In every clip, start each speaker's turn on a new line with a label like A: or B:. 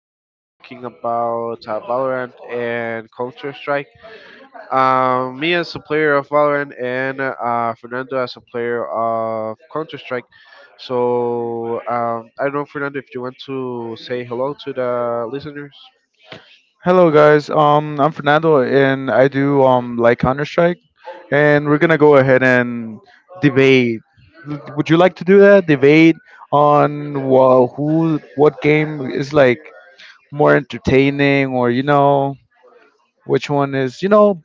A: we will be talking about Valorant and Counter Strike. Me as a player of Valorant and Fernando as a player of Counter Strike. I don't know, Fernando, if you want to say hello to the listeners.
B: Hello guys, I'm Fernando and I do like Counter Strike, and we're gonna go ahead and debate. Would you like to do that? Debate on what game is like more entertaining, or which one is,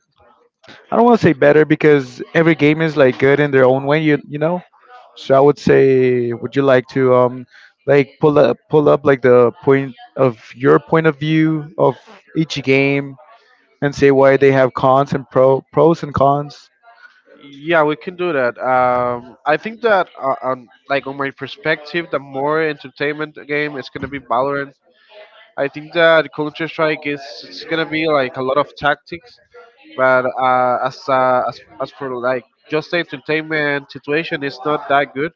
B: I don't want to say better because every game is like good in their own way, you know. So I would say, would you like to like pull up like the point of your point of view of each game and say why they have cons and pros and cons?
A: Yeah, we can do that. I think that on on my perspective, the more entertainment game is gonna be Valorant. I think that culture strike is it's gonna be like a lot of tactics, but as for like just the entertainment situation, it's not that good.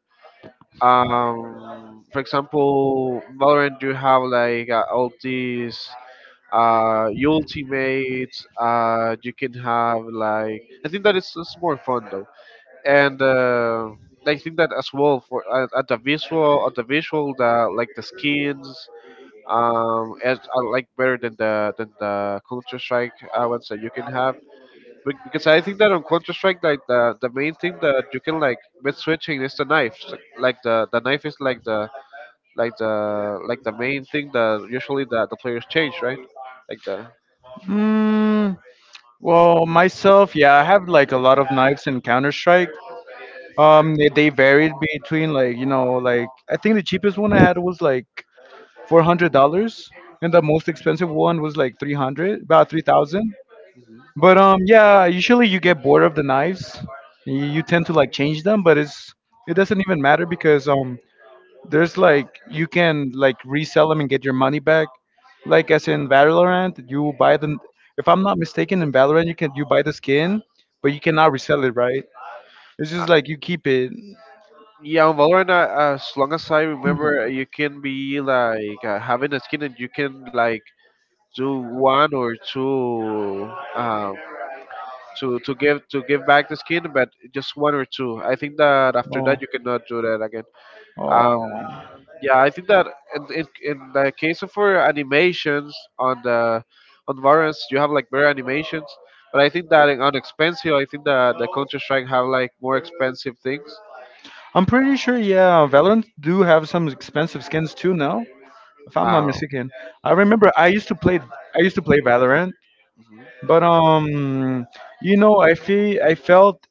A: For example, Valorant, you have like all these ultimates. You can have like I think that it's more fun though, and. I think that as well for at the visual, the like the skins, as I like better than the Counter Strike ones that you can have. Because I think that on Counter Strike, the main thing that you can like with switching is the knife. So, the knife is like the the main thing that usually the players change, right? Like the
B: Hmm. Well, myself, yeah, I have like a lot of knives in Counter Strike. They varied between like like I think the cheapest one I had was like $400, and the most expensive one was like 300, about 3,000. But yeah, usually you get bored of the knives, you tend to like change them, but it's, it doesn't even matter because there's like you can like resell them and get your money back. Like as in Valorant, you buy them. If I'm not mistaken, in Valorant you can you buy the skin, but you cannot resell it, right? It's just like you keep it.
A: Yeah, on Valorant, as long as I remember, you can be like having a skin and you can like do one or two. To give back the skin, but just one or two. I think that after
B: Oh,
A: that you cannot do that again. Um,
B: oh.
A: yeah, I think that in the case of for animations on the on Valorant, you have like better animations, but I think that on expensive, I think that the Counter Strike have like more expensive things.
B: I'm pretty sure. Yeah, Valorant do have some expensive skins too now. If I'm not
A: Uh,
B: mistaken, I remember I used to play. I used to play Valorant,
A: mhm.
B: but you know, I felt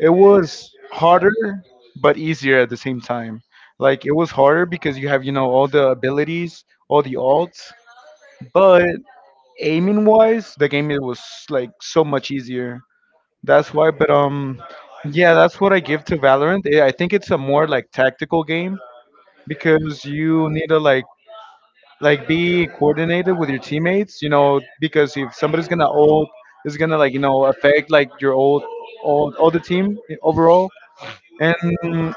B: it was harder but easier at the same time. Like it was harder because you have, you know, all the abilities, all the alts, but aiming wise, the game it was like so much easier. That's why, but yeah, that's what I give to Valorant. I think it's a more like tactical game because you need to like be coordinated with your teammates, you know, because if somebody's gonna ult, it's gonna like, you know, affect like your old all the team overall, and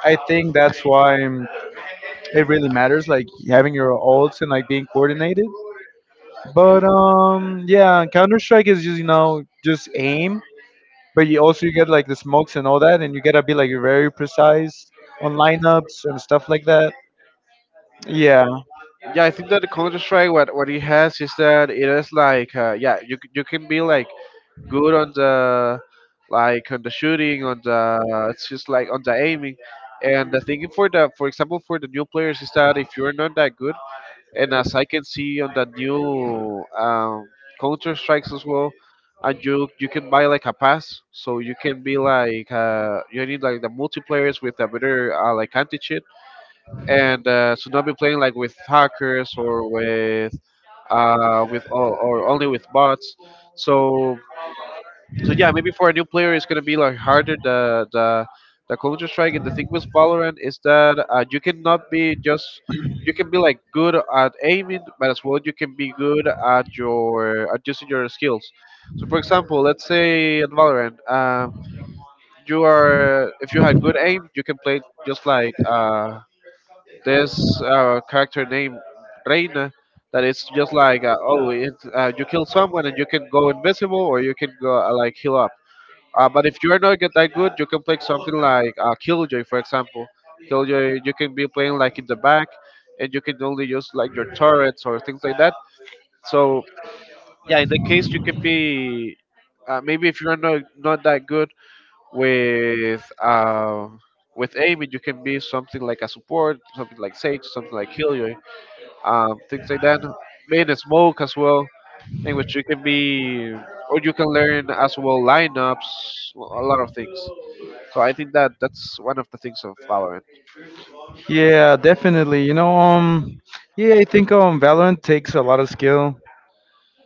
B: I think that's why, it really matters, like having your ults and like being coordinated. But yeah, Counter Strike is just, just aim, but you also you get like the smokes and all that, and you gotta be like very precise on lineups and stuff like that. Yeah,
A: Yeah, I think that the Counter Strike what it has is that it is like yeah you you can be like good on the like on the shooting, on the it's just like on the aiming. And the thing for the for example for the new players is that if you're not that good, and as I can see on the new Counter Strikes as well, and you can buy like a pass, so you can be like you need like the multiplayers with a better like anti cheat, and so not be playing like with hackers or with or only with bots. So so yeah, maybe for a new player, it's gonna be like harder. The Counter Strike and the thing with Valorant is that you cannot be just you can be like good at aiming, but as well you can be good at your at using your skills. So for example, let's say in Valorant, you are if you had good aim, you can play just like this character named Reina. That it's just like you kill someone and you can go invisible or you can go like heal up but if you are not get that good, you can play something like Killjoy, for example. Killjoy, you can be playing like in the back, and you can only use like your turrets or things like that. So yeah, in the case you can be maybe if you're not that good with uh, with aiming, you can be something like a support, something like Sage, something like Killjoy, things like that. Maybe the smoke as well, in which you can be or you can learn as well lineups, a lot of things. So I think that that's one of the things of Valorant.
B: yeah, definitely. You know, yeah, I think Valorant takes a lot of skill,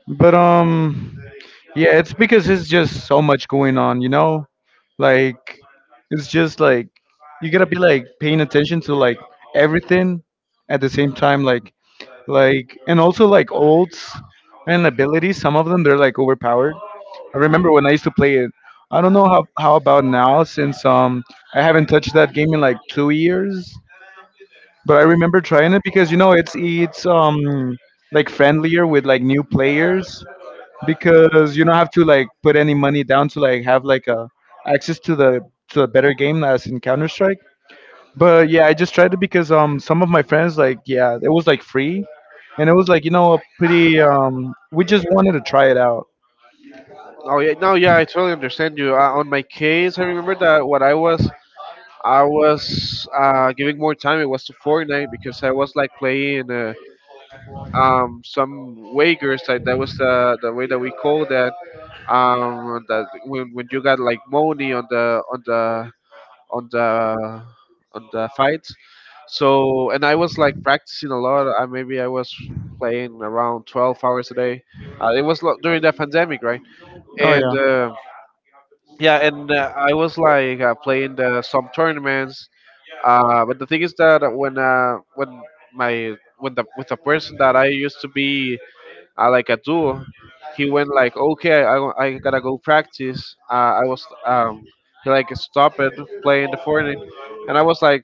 B: but yeah, it's because it's just so much going on. You know, like it's just like you gotta be like paying attention to like everything at the same time, and also like ults and abilities. Some of them they're like overpowered. I remember when I used to play it. I don't know how about now since I haven't touched that game in like 2 years. But I remember trying it because you know it's like friendlier with like new players because you don't have to like put any money down to like have like a access to the to a better game as in Counter Strike. But yeah, I just tried it because some of my friends like yeah it was like free, and it was like you know a pretty we just wanted to try it out.
A: Oh yeah, no, yeah, I totally understand you. On my case, I remember that what I was giving more time. It was to Fortnite because I was like playing some wagers. Like that was the way that we call that. That when you got like money on the on the on the on the fights. So and I was like practicing a lot. Maybe I was playing around 12 hours a day. It was during the pandemic, right?
B: Oh
A: And
B: yeah.
A: Yeah, and I was like playing some tournaments. But the thing is that when my when the with the person that I used to be like a duo. He went like, okay, I gotta go practice. I was He like stopped it playing the Fortnite, and I was like,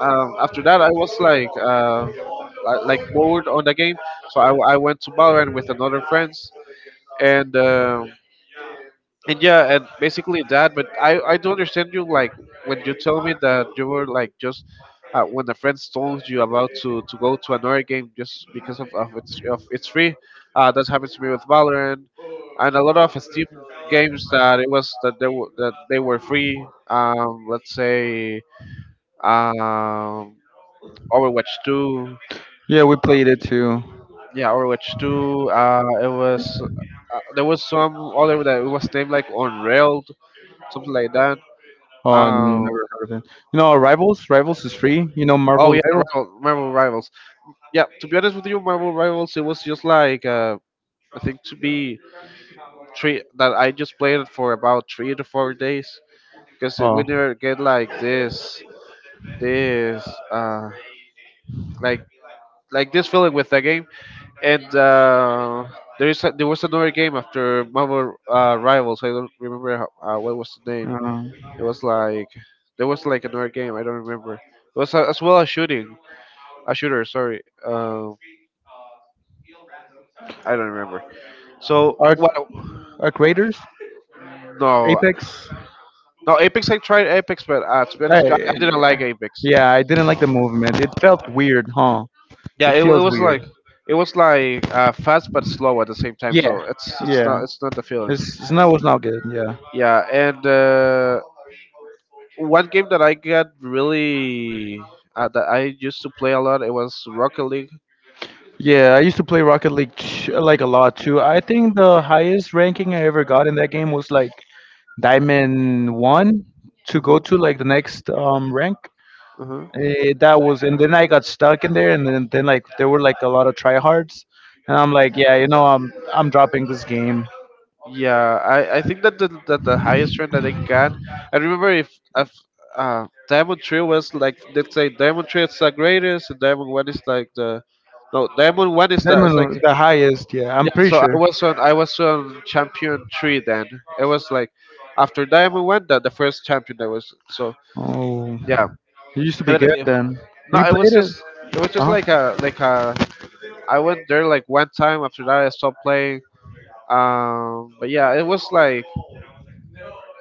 A: um, after that I was like, like bored on the game, so I went to Valorant with another friends, and um, and yeah, and basically that. But I do understand you like when you tell me that you were like just when a friend told you about to go to another game just because of it's free. That happens to me with Valorant and a lot of Steam games that it was that they were free. Let's say um Overwatch two.
B: Yeah, we played it too.
A: Yeah, Overwatch two. It was. There was some other that it was named like Unrailed, something like that.
B: Oh,
A: Um,
B: never heard of it. You know, Rivals? Rivals is free. You know,
A: oh
B: Marvel
A: yeah,
B: Rivals?
A: Marvel Rivals. Yeah, to be honest with you, Marvel Rivals, it was just like I think to be three that I just played it for about 3 to 4 days because we
B: Oh,
A: never get like this like this feeling with the game. And there there was another game after Marvel Rivals. I don't remember what was the name.
B: yeah.
A: It was like there was like another game. I don't remember. It was as well a shooting, a shooter. Sorry. Um, I don't remember. So
B: Arc,
A: what?
B: Arc Raiders,
A: No,
B: Apex.
A: no. Apex. I tried Apex, but to be honest, I
B: I,
A: didn't like Apex.
B: yeah, I didn't like the movement. It felt weird, huh?
A: Yeah,
B: It
A: it
B: feels
A: was like
B: weird.
A: fast but slow at the same time.
B: Yeah,
A: So
B: yeah.
A: it's not the feeling.
B: It's not was not good. Yeah,
A: Yeah, and one game that I got really that I used to play a lot. It was Rocket League.
B: yeah. I used to play Rocket League like a lot too. I think the highest ranking I ever got in that game was like Diamond One to go to
A: Hmm.
B: like the next rank.
A: Hmm.
B: That was, and then I got stuck in there, and then like there were like a lot of tryhards, and I'm like, yeah, you know, I'm dropping this game.
A: Yeah, I think that the highest rank that I got, I remember if Diamond Trio was like, let's say Diamond Trio is the greatest, and Diamond One is like the, no, Diamond One it's like,
B: Diamond, the highest, yeah, I'm pretty
A: so
B: sure.
A: I was on Champion Three then. It was like, after Diamond One, that the first champion that was, so
B: Oh,
A: yeah.
B: you used to be
A: But
B: good
A: it,
B: then. You
A: no,
B: played it,
A: it was
B: uh
A: just
B: huh?
A: like I went there like one time. After that, I stopped playing. But yeah, it was like.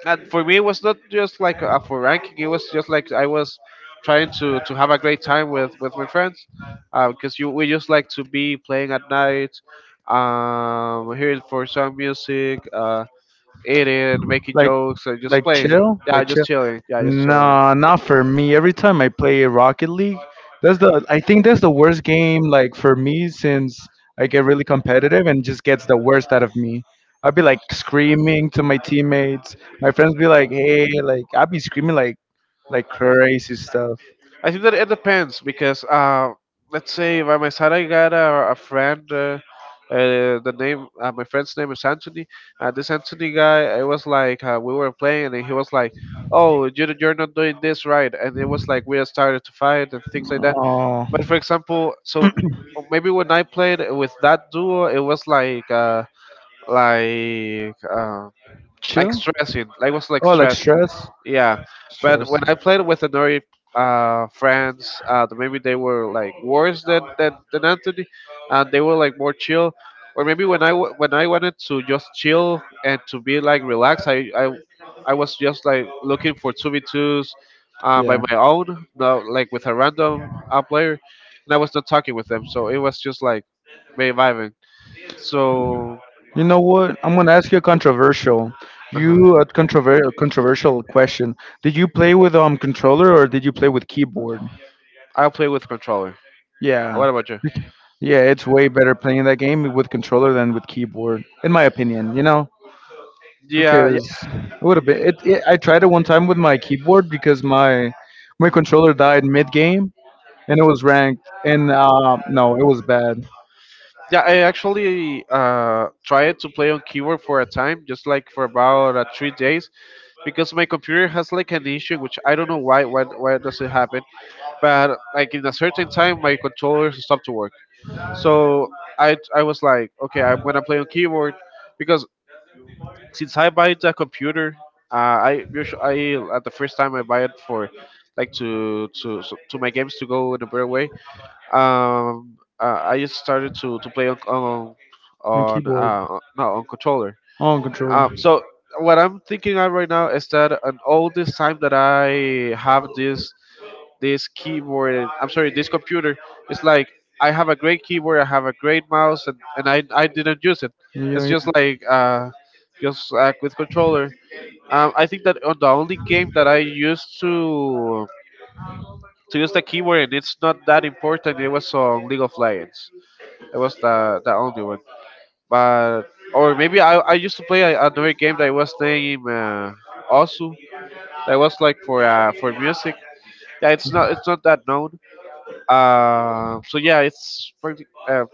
A: And for me it was not just like a for ranking, it was just like I was trying to have a great time with my friends, because you we just like to be playing at night, um, hearing for some music, uh, eating, making
B: Like
A: jokes, and just
B: like
A: playing.
B: chill,
A: Yeah,
B: like
A: just
B: chill.
A: chilling, yeah, just chilling.
B: Nah, not for me. Every time I play Rocket League, that's the, I think that's the worst game like for me since I get really competitive and just gets the worst out of me. I'd be like screaming to my teammates. My friends be like, "Hey," like I'd be screaming like crazy stuff.
A: I think that it depends because let's say by my side I got a friend. The name My friend's name is Anthony. This Anthony guy, it was like we were playing and he was like, "Oh, you're not doing this right," and it was like we started to fight and things like that.
B: Oh,
A: But for example, so maybe when I played with that duo, it was like like. Uh, like
B: chill.
A: stressing. Like was like
B: Oh, like
A: stressing.
B: stress.
A: Yeah, but
B: Stress.
A: when I played with another friends, maybe they were like worse than Anthony, and they were like more chill. Or maybe when when I wanted to just chill and to be like relaxed, I was just like looking for two v twos, by
B: Yeah.
A: my own, no, like with a random player, and I was not talking with them, so it was just like me vibing. So,
B: You know what? I'm gonna ask you a controversial.
A: uh huh,
B: You a controversial question. Did you play with controller or did you play with keyboard?
A: I'll play with controller. Oh,
B: Yeah.
A: what about you?
B: Yeah, it's way better playing that game with controller than with keyboard, in my opinion, you know?
A: Yeah, yeah,
B: Because it would have been it I tried it one time with my keyboard because my controller died mid game and it was ranked and no, it was bad.
A: yeah. I actually tried to play on keyboard for a time, just like for about 3 days, because my computer has like an issue, which I don't know why. Why does it happen? But like in a certain time, my controller stopped to work. So I was like, okay, I'm gonna play on keyboard, because since I buy the computer, I usually I at the first time I buy it for like to my games to go in a better way. I just started to play
B: On
A: on
B: keyboard,
A: no on controller.
B: on controller.
A: So what I'm thinking of right now is that and all this time that I have this this keyboard, I'm sorry, this computer, it's like I have a great keyboard, I have a great mouse, and I didn't use it.
B: Yeah,
A: It's
B: yeah.
A: just like with controller. I think that on the only game that I used to use the keyboard and it's not that important. It was on League of Legends. It was the only one. But or maybe I used to play another game that was named also that was like for music. Yeah, it's not that known. So yeah,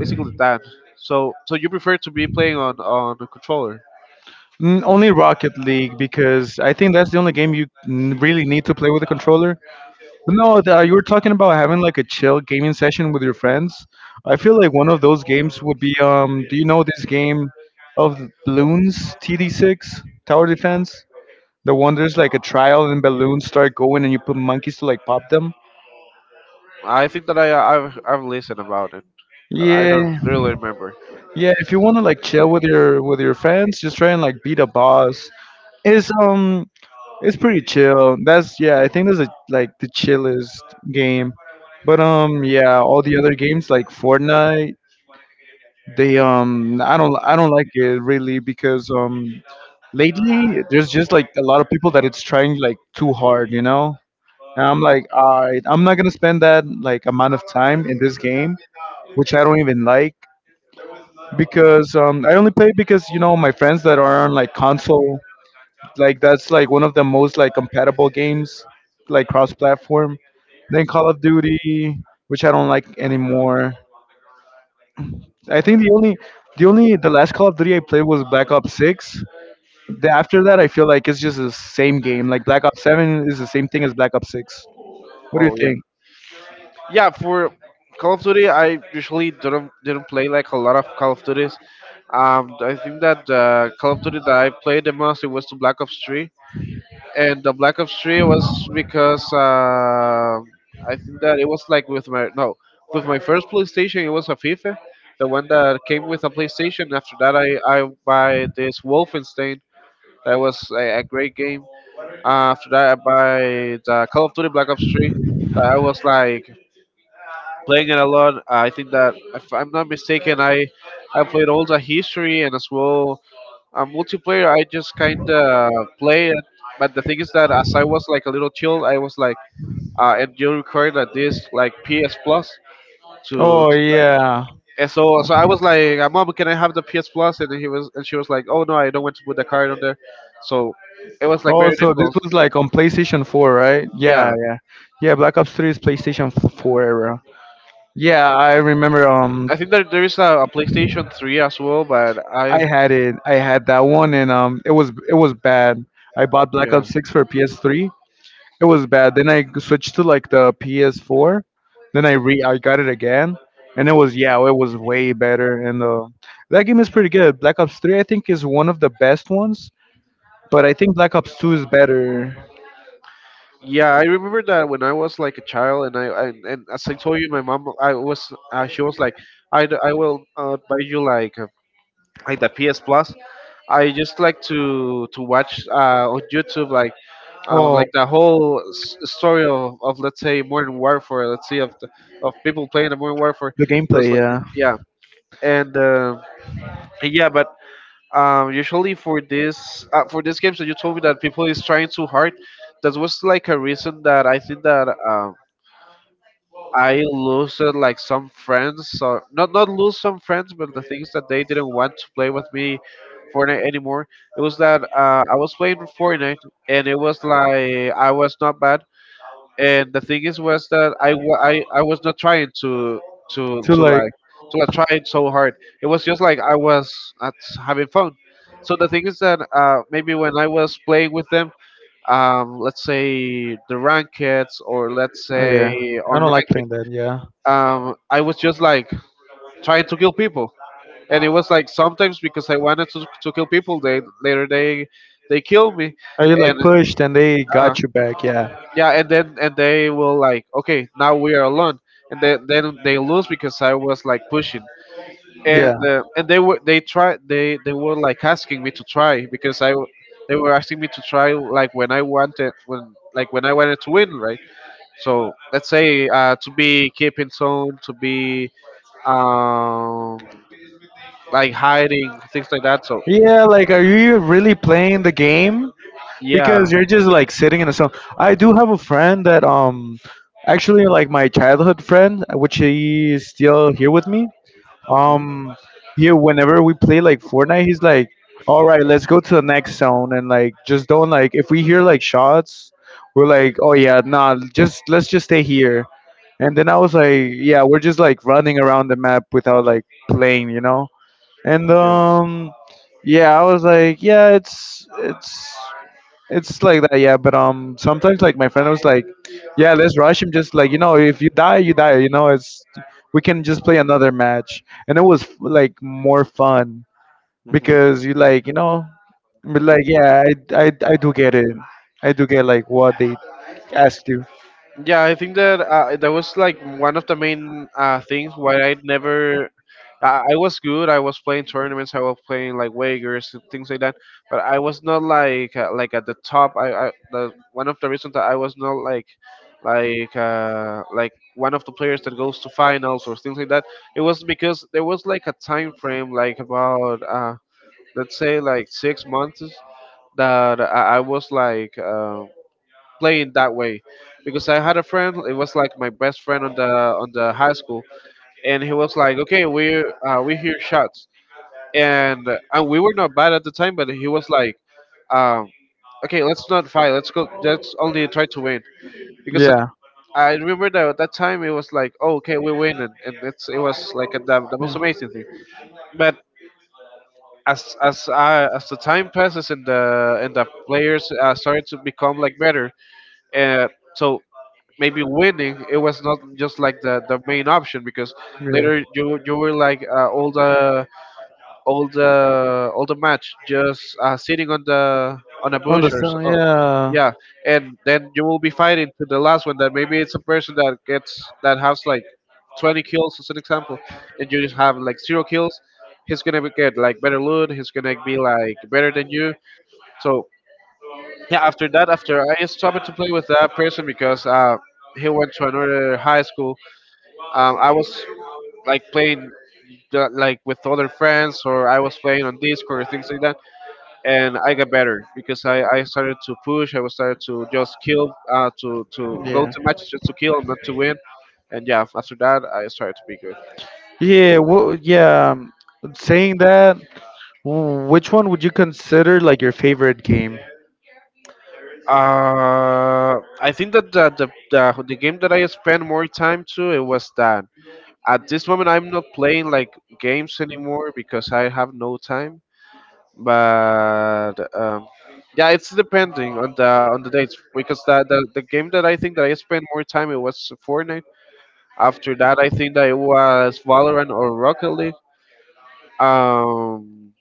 A: basically that. So so you prefer to be playing on the controller?
B: Mm. Only Rocket League because I think that's the only game you really need to play with a controller. But no, the, you were talking about having like a chill gaming session with your friends. I feel like one of those games would be Do you know this game of balloons TD6 Tower Defense? The one there's like a trial and balloons start going and you put monkeys to like pop them.
A: I think that I've listened about it, but I don't
B: Yeah,
A: really remember.
B: yeah. If you want to like chill with your friends, just try and like beat a boss. It's um, it's pretty chill. That's yeah. I think that's a, like the chillest game. But yeah. All the other games like Fortnite, they I don't like it really because lately there's just like a lot of people that it's trying like too hard, you know. And I'm like, all right, I'm not gonna spend that like amount of time in this game, which I don't even like because I only play because you know my friends that are on like console, like that's like one of the most like compatible games, like cross-platform. Then Call of Duty, which I don't like anymore. I think the only, the last Call of Duty I played was Black Ops 6. The, after that, I feel like it's just the same game. Like Black Ops 7 is the same thing as Black Ops 6. What do you
A: Oh yeah,
B: think?
A: yeah. For Call of Duty, I usually didn't play like a lot of Call of Duties. I think that Call of Duty that I played the most it was the Black Ops 3, and the Black Ops 3 was because I think that it was like with my no with my first PlayStation it was a FIFA, the one that came with a PlayStation. After that, I buy this Wolfenstein. That was a great game. After that, I buy the Call of Duty Black Ops 3. I was like playing it a lot. I think that if I'm not mistaken, I played all the history and as well multiplayer. I just kind of play it, but the thing is that as I was like a little chilled, I was like, and you required like this like PS Plus to,
B: Oh yeah.
A: and so I was like, Mom, can I have the PS Plus? And she was like, oh no, I don't want to put the card on there. So it was like
B: Oh,
A: very
B: so this
A: difficult.
B: was like on PlayStation 4, right? Yeah,
A: Yeah,
B: yeah. Yeah, Black Ops 3 is PlayStation 4 era. Yeah, I remember.
A: I think that there is a PlayStation 3 as well, but
B: I
A: I
B: had it. I had that one, and it was bad. I bought Black
A: yeah
B: Ops Six for PS3. It was bad. Then I switched to like the PS4. Then I got it again, and it was yeah, it was way better. And that game is pretty good. Black Ops 3, I think, is one of the best ones. But I think Black Ops 2 is better.
A: yeah I remember that when I was like a child, and as I told you, my mom I was she was like I will buy you like the PS Plus. I just like to watch on YouTube
B: Oh,
A: like the whole story of let's say Modern Warfare, let's say of of people playing the Modern Warfare.
B: the
A: It was
B: gameplay,
A: like
B: yeah.
A: yeah and. Yeah, but usually for this games that you told me that people is trying too hard, that was like a reason that I think that I lost like some friends, or not lose some friends, but the things that they didn't want to play with me Fortnite anymore. It was that I was playing Fortnite, and it was like I was not bad. And the thing is was that I was not trying to to
B: To
A: to
B: like,
A: like to like try it so hard. It was just like I was at having fun. So the thing is that maybe when I was playing with them, let's say the rankets, or let's
B: oh
A: say
B: yeah, I
A: on
B: don't like
A: ranked,
B: playing that. Yeah,
A: I was just like trying to kill people. And it was like sometimes because I wanted to kill people, they later they killed me.
B: are you
A: And
B: like pushed and they
A: uh,
B: got you back? Yeah,
A: yeah, and then and they will like, okay, now we are alone, and then they lose because I was like pushing,
B: yeah.
A: and they were like asking me to try because they were asking me to try like when I wanted when like when I wanted to win, right? So let's say to be keeping zone, to be um like hiding things like that. So
B: Yeah, like, are you really playing the game?
A: yeah.
B: Because you're just like sitting in a cell. I do have a friend that actually like my childhood friend, which he is still here with me.
A: Mhm.
B: Um, yeah, whenever we play like Fortnite, he's like, "All right, let's go to the next zone," and like just don't like if we hear like shots, we're like, "Oh yeah, nah, just let's just stay here." And then I was like, "Yeah, we're just like running around the map without like playing, you know?" And
A: Yeah.
B: yeah, I was like, "Yeah, it's it's." It's like that, yeah. But sometimes like my friend was like, "Yeah, let's rush him. Just like you know, if you die, you die. You know, it's we can just play another match." And it was like more fun
A: Mhm.
B: because you like you know, but like yeah, I do get it. I do get like what they asked you.
A: Yeah, I think that that was like one of the main things why I never. I was good. I was playing tournaments. I was playing like wagers and things like that. But I was not like like at the top. I the one of the reasons that I was not like one of the players that goes to finals or things like that. It was because there was like a time frame like about let's say like six months that I was like. Playing that way because I had a friend. It was like my best friend on the high school, and he was like, "Okay, we hear shots," and we were not bad at the time, but he was like, um, "Okay, let's not fight. Let's go. Let's only try to win." Because at,
B: Yeah,
A: I remember that at that time it was like, "Oh, okay, we win," and it was like the most amazing thing. But as the time passes and the players started to become like better, uh, so maybe winning it was not just like the main option because
B: yeah, yeah.
A: later you were like all the match just sitting on the on a bush or so
B: Understand.
A: oh,
B: Yeah.
A: yeah. And then you will be fighting to the last one that maybe it's a person that gets that has like 20 kills as an example, and you just have like zero kills. He's gonna get like better loot. He's gonna be like better than you. So yeah, after that, after I stopped to play with that person because he went to another high school, I was like playing like with other friends, or I was playing on Discord or things like that. And I got better because I started to push. I was started to just kill to go
B: Yeah.
A: to matches just to kill and not to win. And yeah, after that I started to be good.
B: Yeah, well, yeah. Saying that, which one would you consider like your favorite game?
A: I think that the game that I spent more time to it was that at this moment, I'm not playing like games anymore because I have no time. But yeah, it's depending on the dates because the game that I think that I spent more time it was Fortnite. After that, I think that it was Valorant or Rocket League. Um,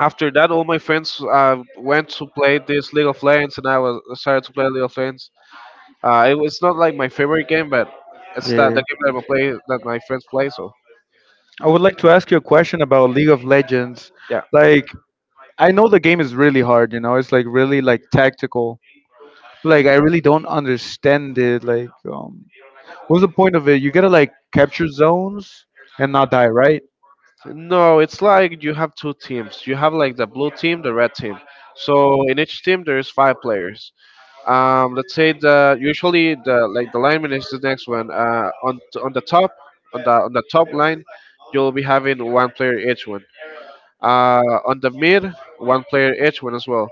A: After that, all my friends went to play this League of Legends, and I was started to play League of Legends. It was not like my favorite game, but it's that
B: Yeah.
A: the game that I play that my friends play. So.
B: I would like to ask you a question about League of Legends.
A: Yeah.
B: Like, I know the game is really hard, you know, it's like really like tactical. Like, I really don't understand it. Like, what's the point of it? You gotta like capture zones and not die, right?
A: No, it's like you have two teams. You have like the blue team, the red team. So in each team there is five players. Let's say the usually the like the lineman is the next one. On the top on the top line, you'll be having one player each one. On the mid, one player each one as well.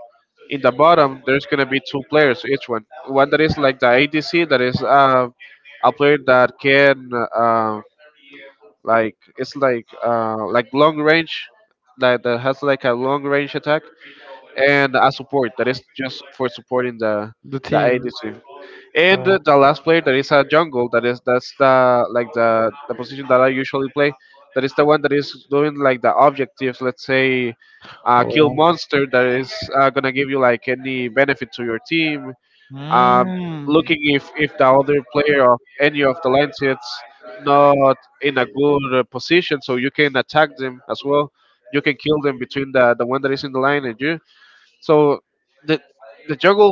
A: In the bottom, there's gonna be two players each one. One that is like the ADC, that is a player that can uh, like it's like long range, that, that has like a long range attack, and a support that is just for supporting
B: The
A: the
B: team.
A: ADC. And
B: Oh.
A: the last player that is a jungle that is that's the like the position that I usually play. That is the one that is doing like the objectives. Let's say kill
B: Oh.
A: monster that is gonna give you like any benefit to your team, um,
B: Mm.
A: looking if the other player of any of the lines is not in a good position, so you can attack them as well. You can kill them between the one that is in the line and you. So the the jungle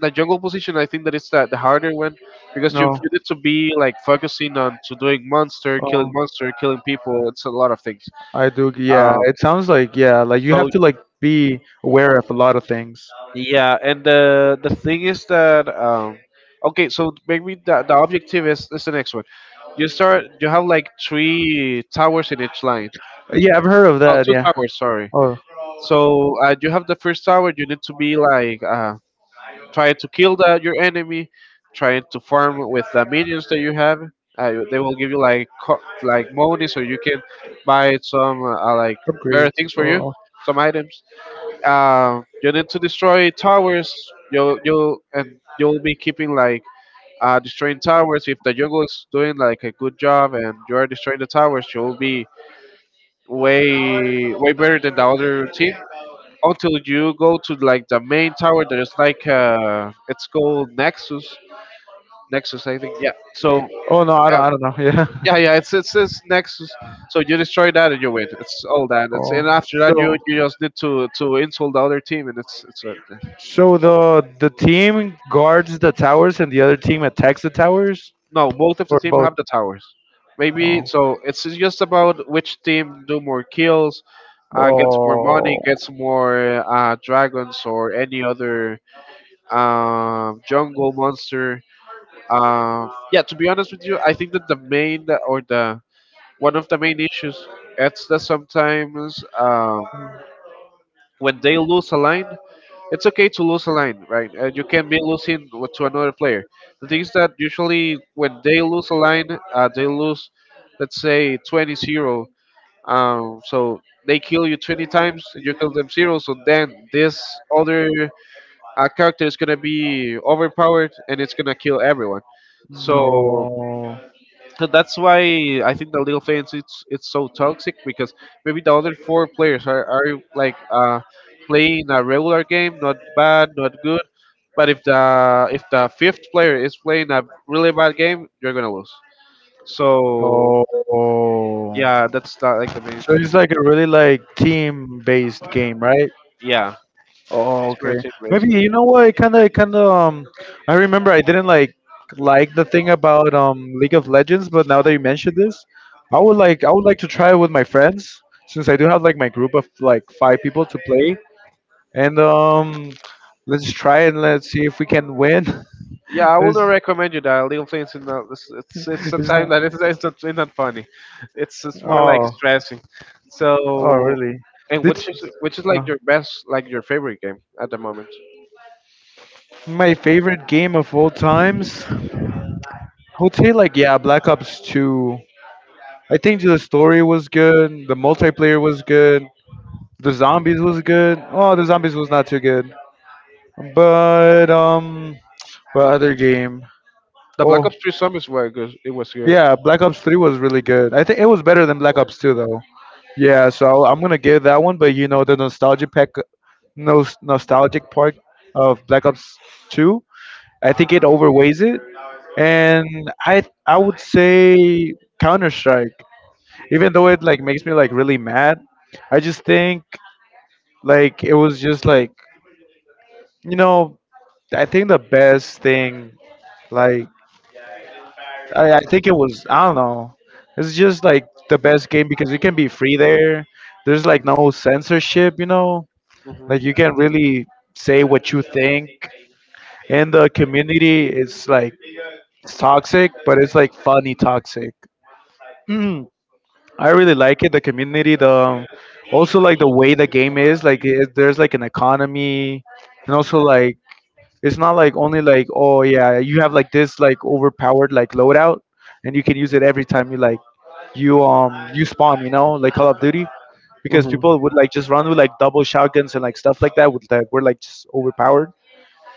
A: the jungle position, I think that it's the harder one because you,
B: No.
A: you need to be like focusing on to doing
B: Oh,
A: monster, killing people. It's a lot of things.
B: I do. Yeah,
A: Um,
B: it sounds like yeah, like you
A: so
B: have to like be aware of a lot of things.
A: Yeah, and the thing is that okay, so maybe the objective is the next one. You start you have like three towers in each line.
B: Yeah, I've heard of
A: Oh,
B: that.
A: two
B: Yeah.
A: towers, sorry.
B: Oh,
A: So you have the first tower. You need to be like trying to kill the your enemy, trying to farm with the minions that you have. They will give you like like money, so you can buy some like better
B: upgrades.
A: things for you,
B: Oh,
A: some items you need to destroy towers. You'll be keeping like destroying towers. If the jungle is doing like a good job and you are destroying the towers, you'll be way better than the other team. Until you go to like the main tower, there's like it's called Nexus. Nexus, I think. Yeah. So
B: oh no,
A: yeah,
B: I don't know.
A: yeah,
B: Yeah.
A: yeah. it's Nexus. So you destroy that and you win. It's all that. It's
B: Oh,
A: and after that you,
B: so
A: you just need to insult the other team and it's it.
B: so the team guards the towers and the other team attacks the towers,
A: No, both of the
B: or
A: team
B: both?
A: have the towers. Maybe
B: Oh.
A: so. It's just about which team do more kills, gets more
B: Oh
A: money, gets more dragons or any other jungle monster. Yeah, to be honest with you, I think that the main or the one of the main issues it's that sometimes when they lose a line, it's okay to lose a line, right? And you can be losing to another player. The thing is that usually when they lose a line, they lose, let's say, 20-0. So they kill you 20 times, and you kill them 0. So then this other character is going to be overpowered and it's going to kill everyone. So
B: no.
A: so that's why I think the League of Legends it's so toxic because maybe the other four players are like playing a regular game, not bad, not good. But if the fifth player is playing a really bad game, you're gonna lose. So
B: Oh.
A: yeah, that's not like the main
B: So
A: thing.
B: it's like a really like team based game, right?
A: Yeah,
B: Oh,
A: it's
B: okay.
A: pretty.
B: Maybe you know what? It kind of, kind of. I remember I didn't like the thing about League of Legends, but now that you mentioned this, I would like to try it with my friends since I do have like my group of like five people to play, and let's try and let's see if we can win.
A: Yeah, I
B: it's,
A: wouldn't recommend you that. League of Legends, is not, it's
B: it's
A: sometimes
B: not.
A: that it's not funny. It's more like
B: Oh,
A: stressing.
B: oh,
A: So,
B: really?
A: and
B: It's,
A: which is like
B: uh,
A: your best, like your favorite game at the moment?
B: my favorite game of all times. I would say like yeah, Black Ops 2. I think the story was good. The multiplayer was good. The zombies was good. Oh, the zombies was not too good. But what other game?
A: The Black
B: Oh
A: Ops 3 Zombies were good. It was good.
B: yeah, Black Ops 3 was really good. I think it was better than Black Ops 2 though. Yeah, so I'm gonna give that one, but you know the nostalgic pack, nostalgic part of Black Ops 2, I think it overweighs it, and I would say Counter Strike, even though it like makes me like really mad, I just think like it was just like you know I think the best thing like I think it was I don't know, it's just like the best game because you can be free there. There's like no censorship, you know.
A: hmm
B: Like you can really say what you think. In the community, it's like it's toxic, but it's like funny toxic. Mm, I really like it. The community, the also like the way the game is. Like it, there's like an economy, and also like it's not like only like oh yeah you have like this like overpowered like loadout, and you can use it every time you like you you spawn. You know like Call of Duty, because
A: hmm
B: people would like just run with like double shotguns and like stuff like that. With like we're like just overpowered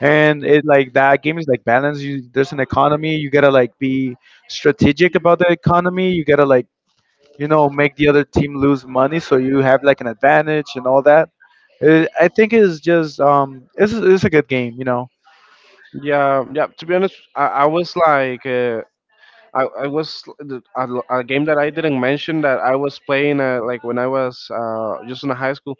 B: and it like that game is like balance, you there's an economy you gotta like be strategic about the economy you gotta like you know make the other team lose money so you have like an advantage and all that, I think it's just it's a good game you know.
A: Yeah, yeah. To be honest, I was like, I was a game that I didn't mention that I was playing like when I was just in high school.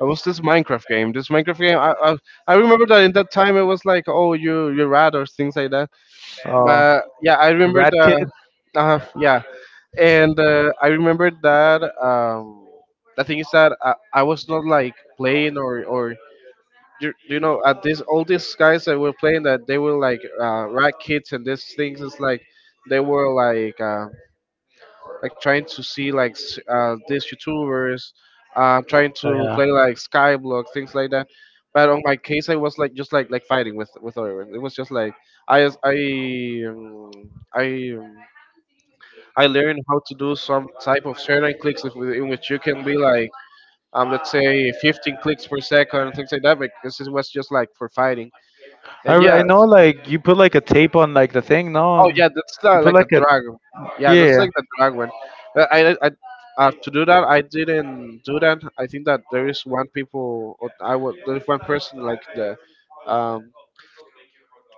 A: It was this Minecraft game. This Minecraft game. I remember that in that time it was like, oh, you rat or things like that.
B: Uh
A: But yeah, I remember
B: rat kid.
A: yeah, and I remember that. The thing is that I was not like playing or you know at this all these guys that were playing that they were like rat kids and these things it's like they were like trying to see like these youtubers
B: Oh,
A: trying to
B: yeah.
A: play like skyblock things like that, but on my case I was like just like fighting with everyone. It was just like I as- um, I um, I learned how to do some type of certain clicks in which you can be like let's say 15 clicks per second and things like that because it was just like for fighting. Yeah.
B: I know like you put like a tape on like the thing no
A: Oh,
B: and
A: yeah. That's
B: you put
A: like the
B: like a,
A: drag. Yeah, that's
B: yeah.
A: like the drag one. Uh, I, I, to do that, I didn't do that. I think that there is one people. Or I was there is one person like um,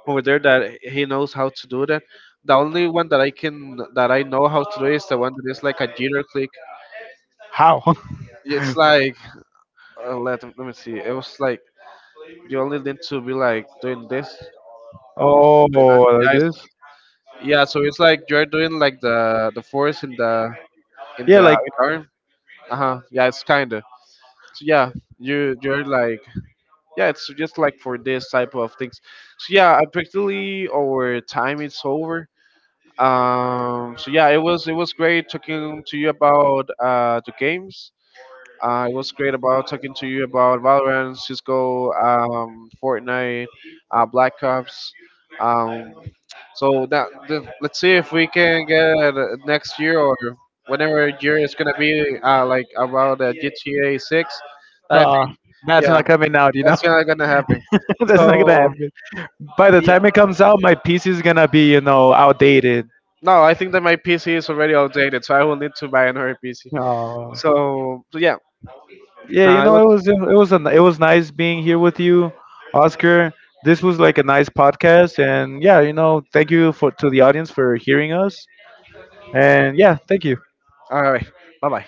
A: over there that he knows how to do that. The only one that I can that I know how to do is the one that is like a jitter click.
B: How?
A: It's like let me see. It was like you only need to be like doing this. Like that.
B: Oh, like
A: Yeah,
B: this?
A: yeah. So it's like you're doing like the force in the in
B: Yeah,
A: the in
B: like.
A: the arm. Uh-huh, yeah, it's kind of. So yeah, you're like, yeah, it's just like for this type of things. So yeah, practically our time is over. So yeah, it was great talking to you about the games. It was great about talking to you about Valorant, Cisco, Fortnite, Black Ops, um so let's see if we can get next year or whenever year it's gonna be, like about GTA Six. I think,
B: Oh,
A: yeah,
B: that's not coming out, you know?
A: that's not gonna happen.
B: That's not gonna
A: So
B: happen. By the time it comes out, my PC is gonna be, you know, outdated.
A: no, I think that my PC is already outdated, so I will need to buy another PC.
B: Oh.
A: So yeah,
B: Yeah, you
A: it
B: know,
A: was
B: it was a, it was nice being here with you, Oscar. This was like a nice podcast, and yeah, you know, thank you for to the audience for hearing us, and yeah, thank you.
A: all right. Bye bye.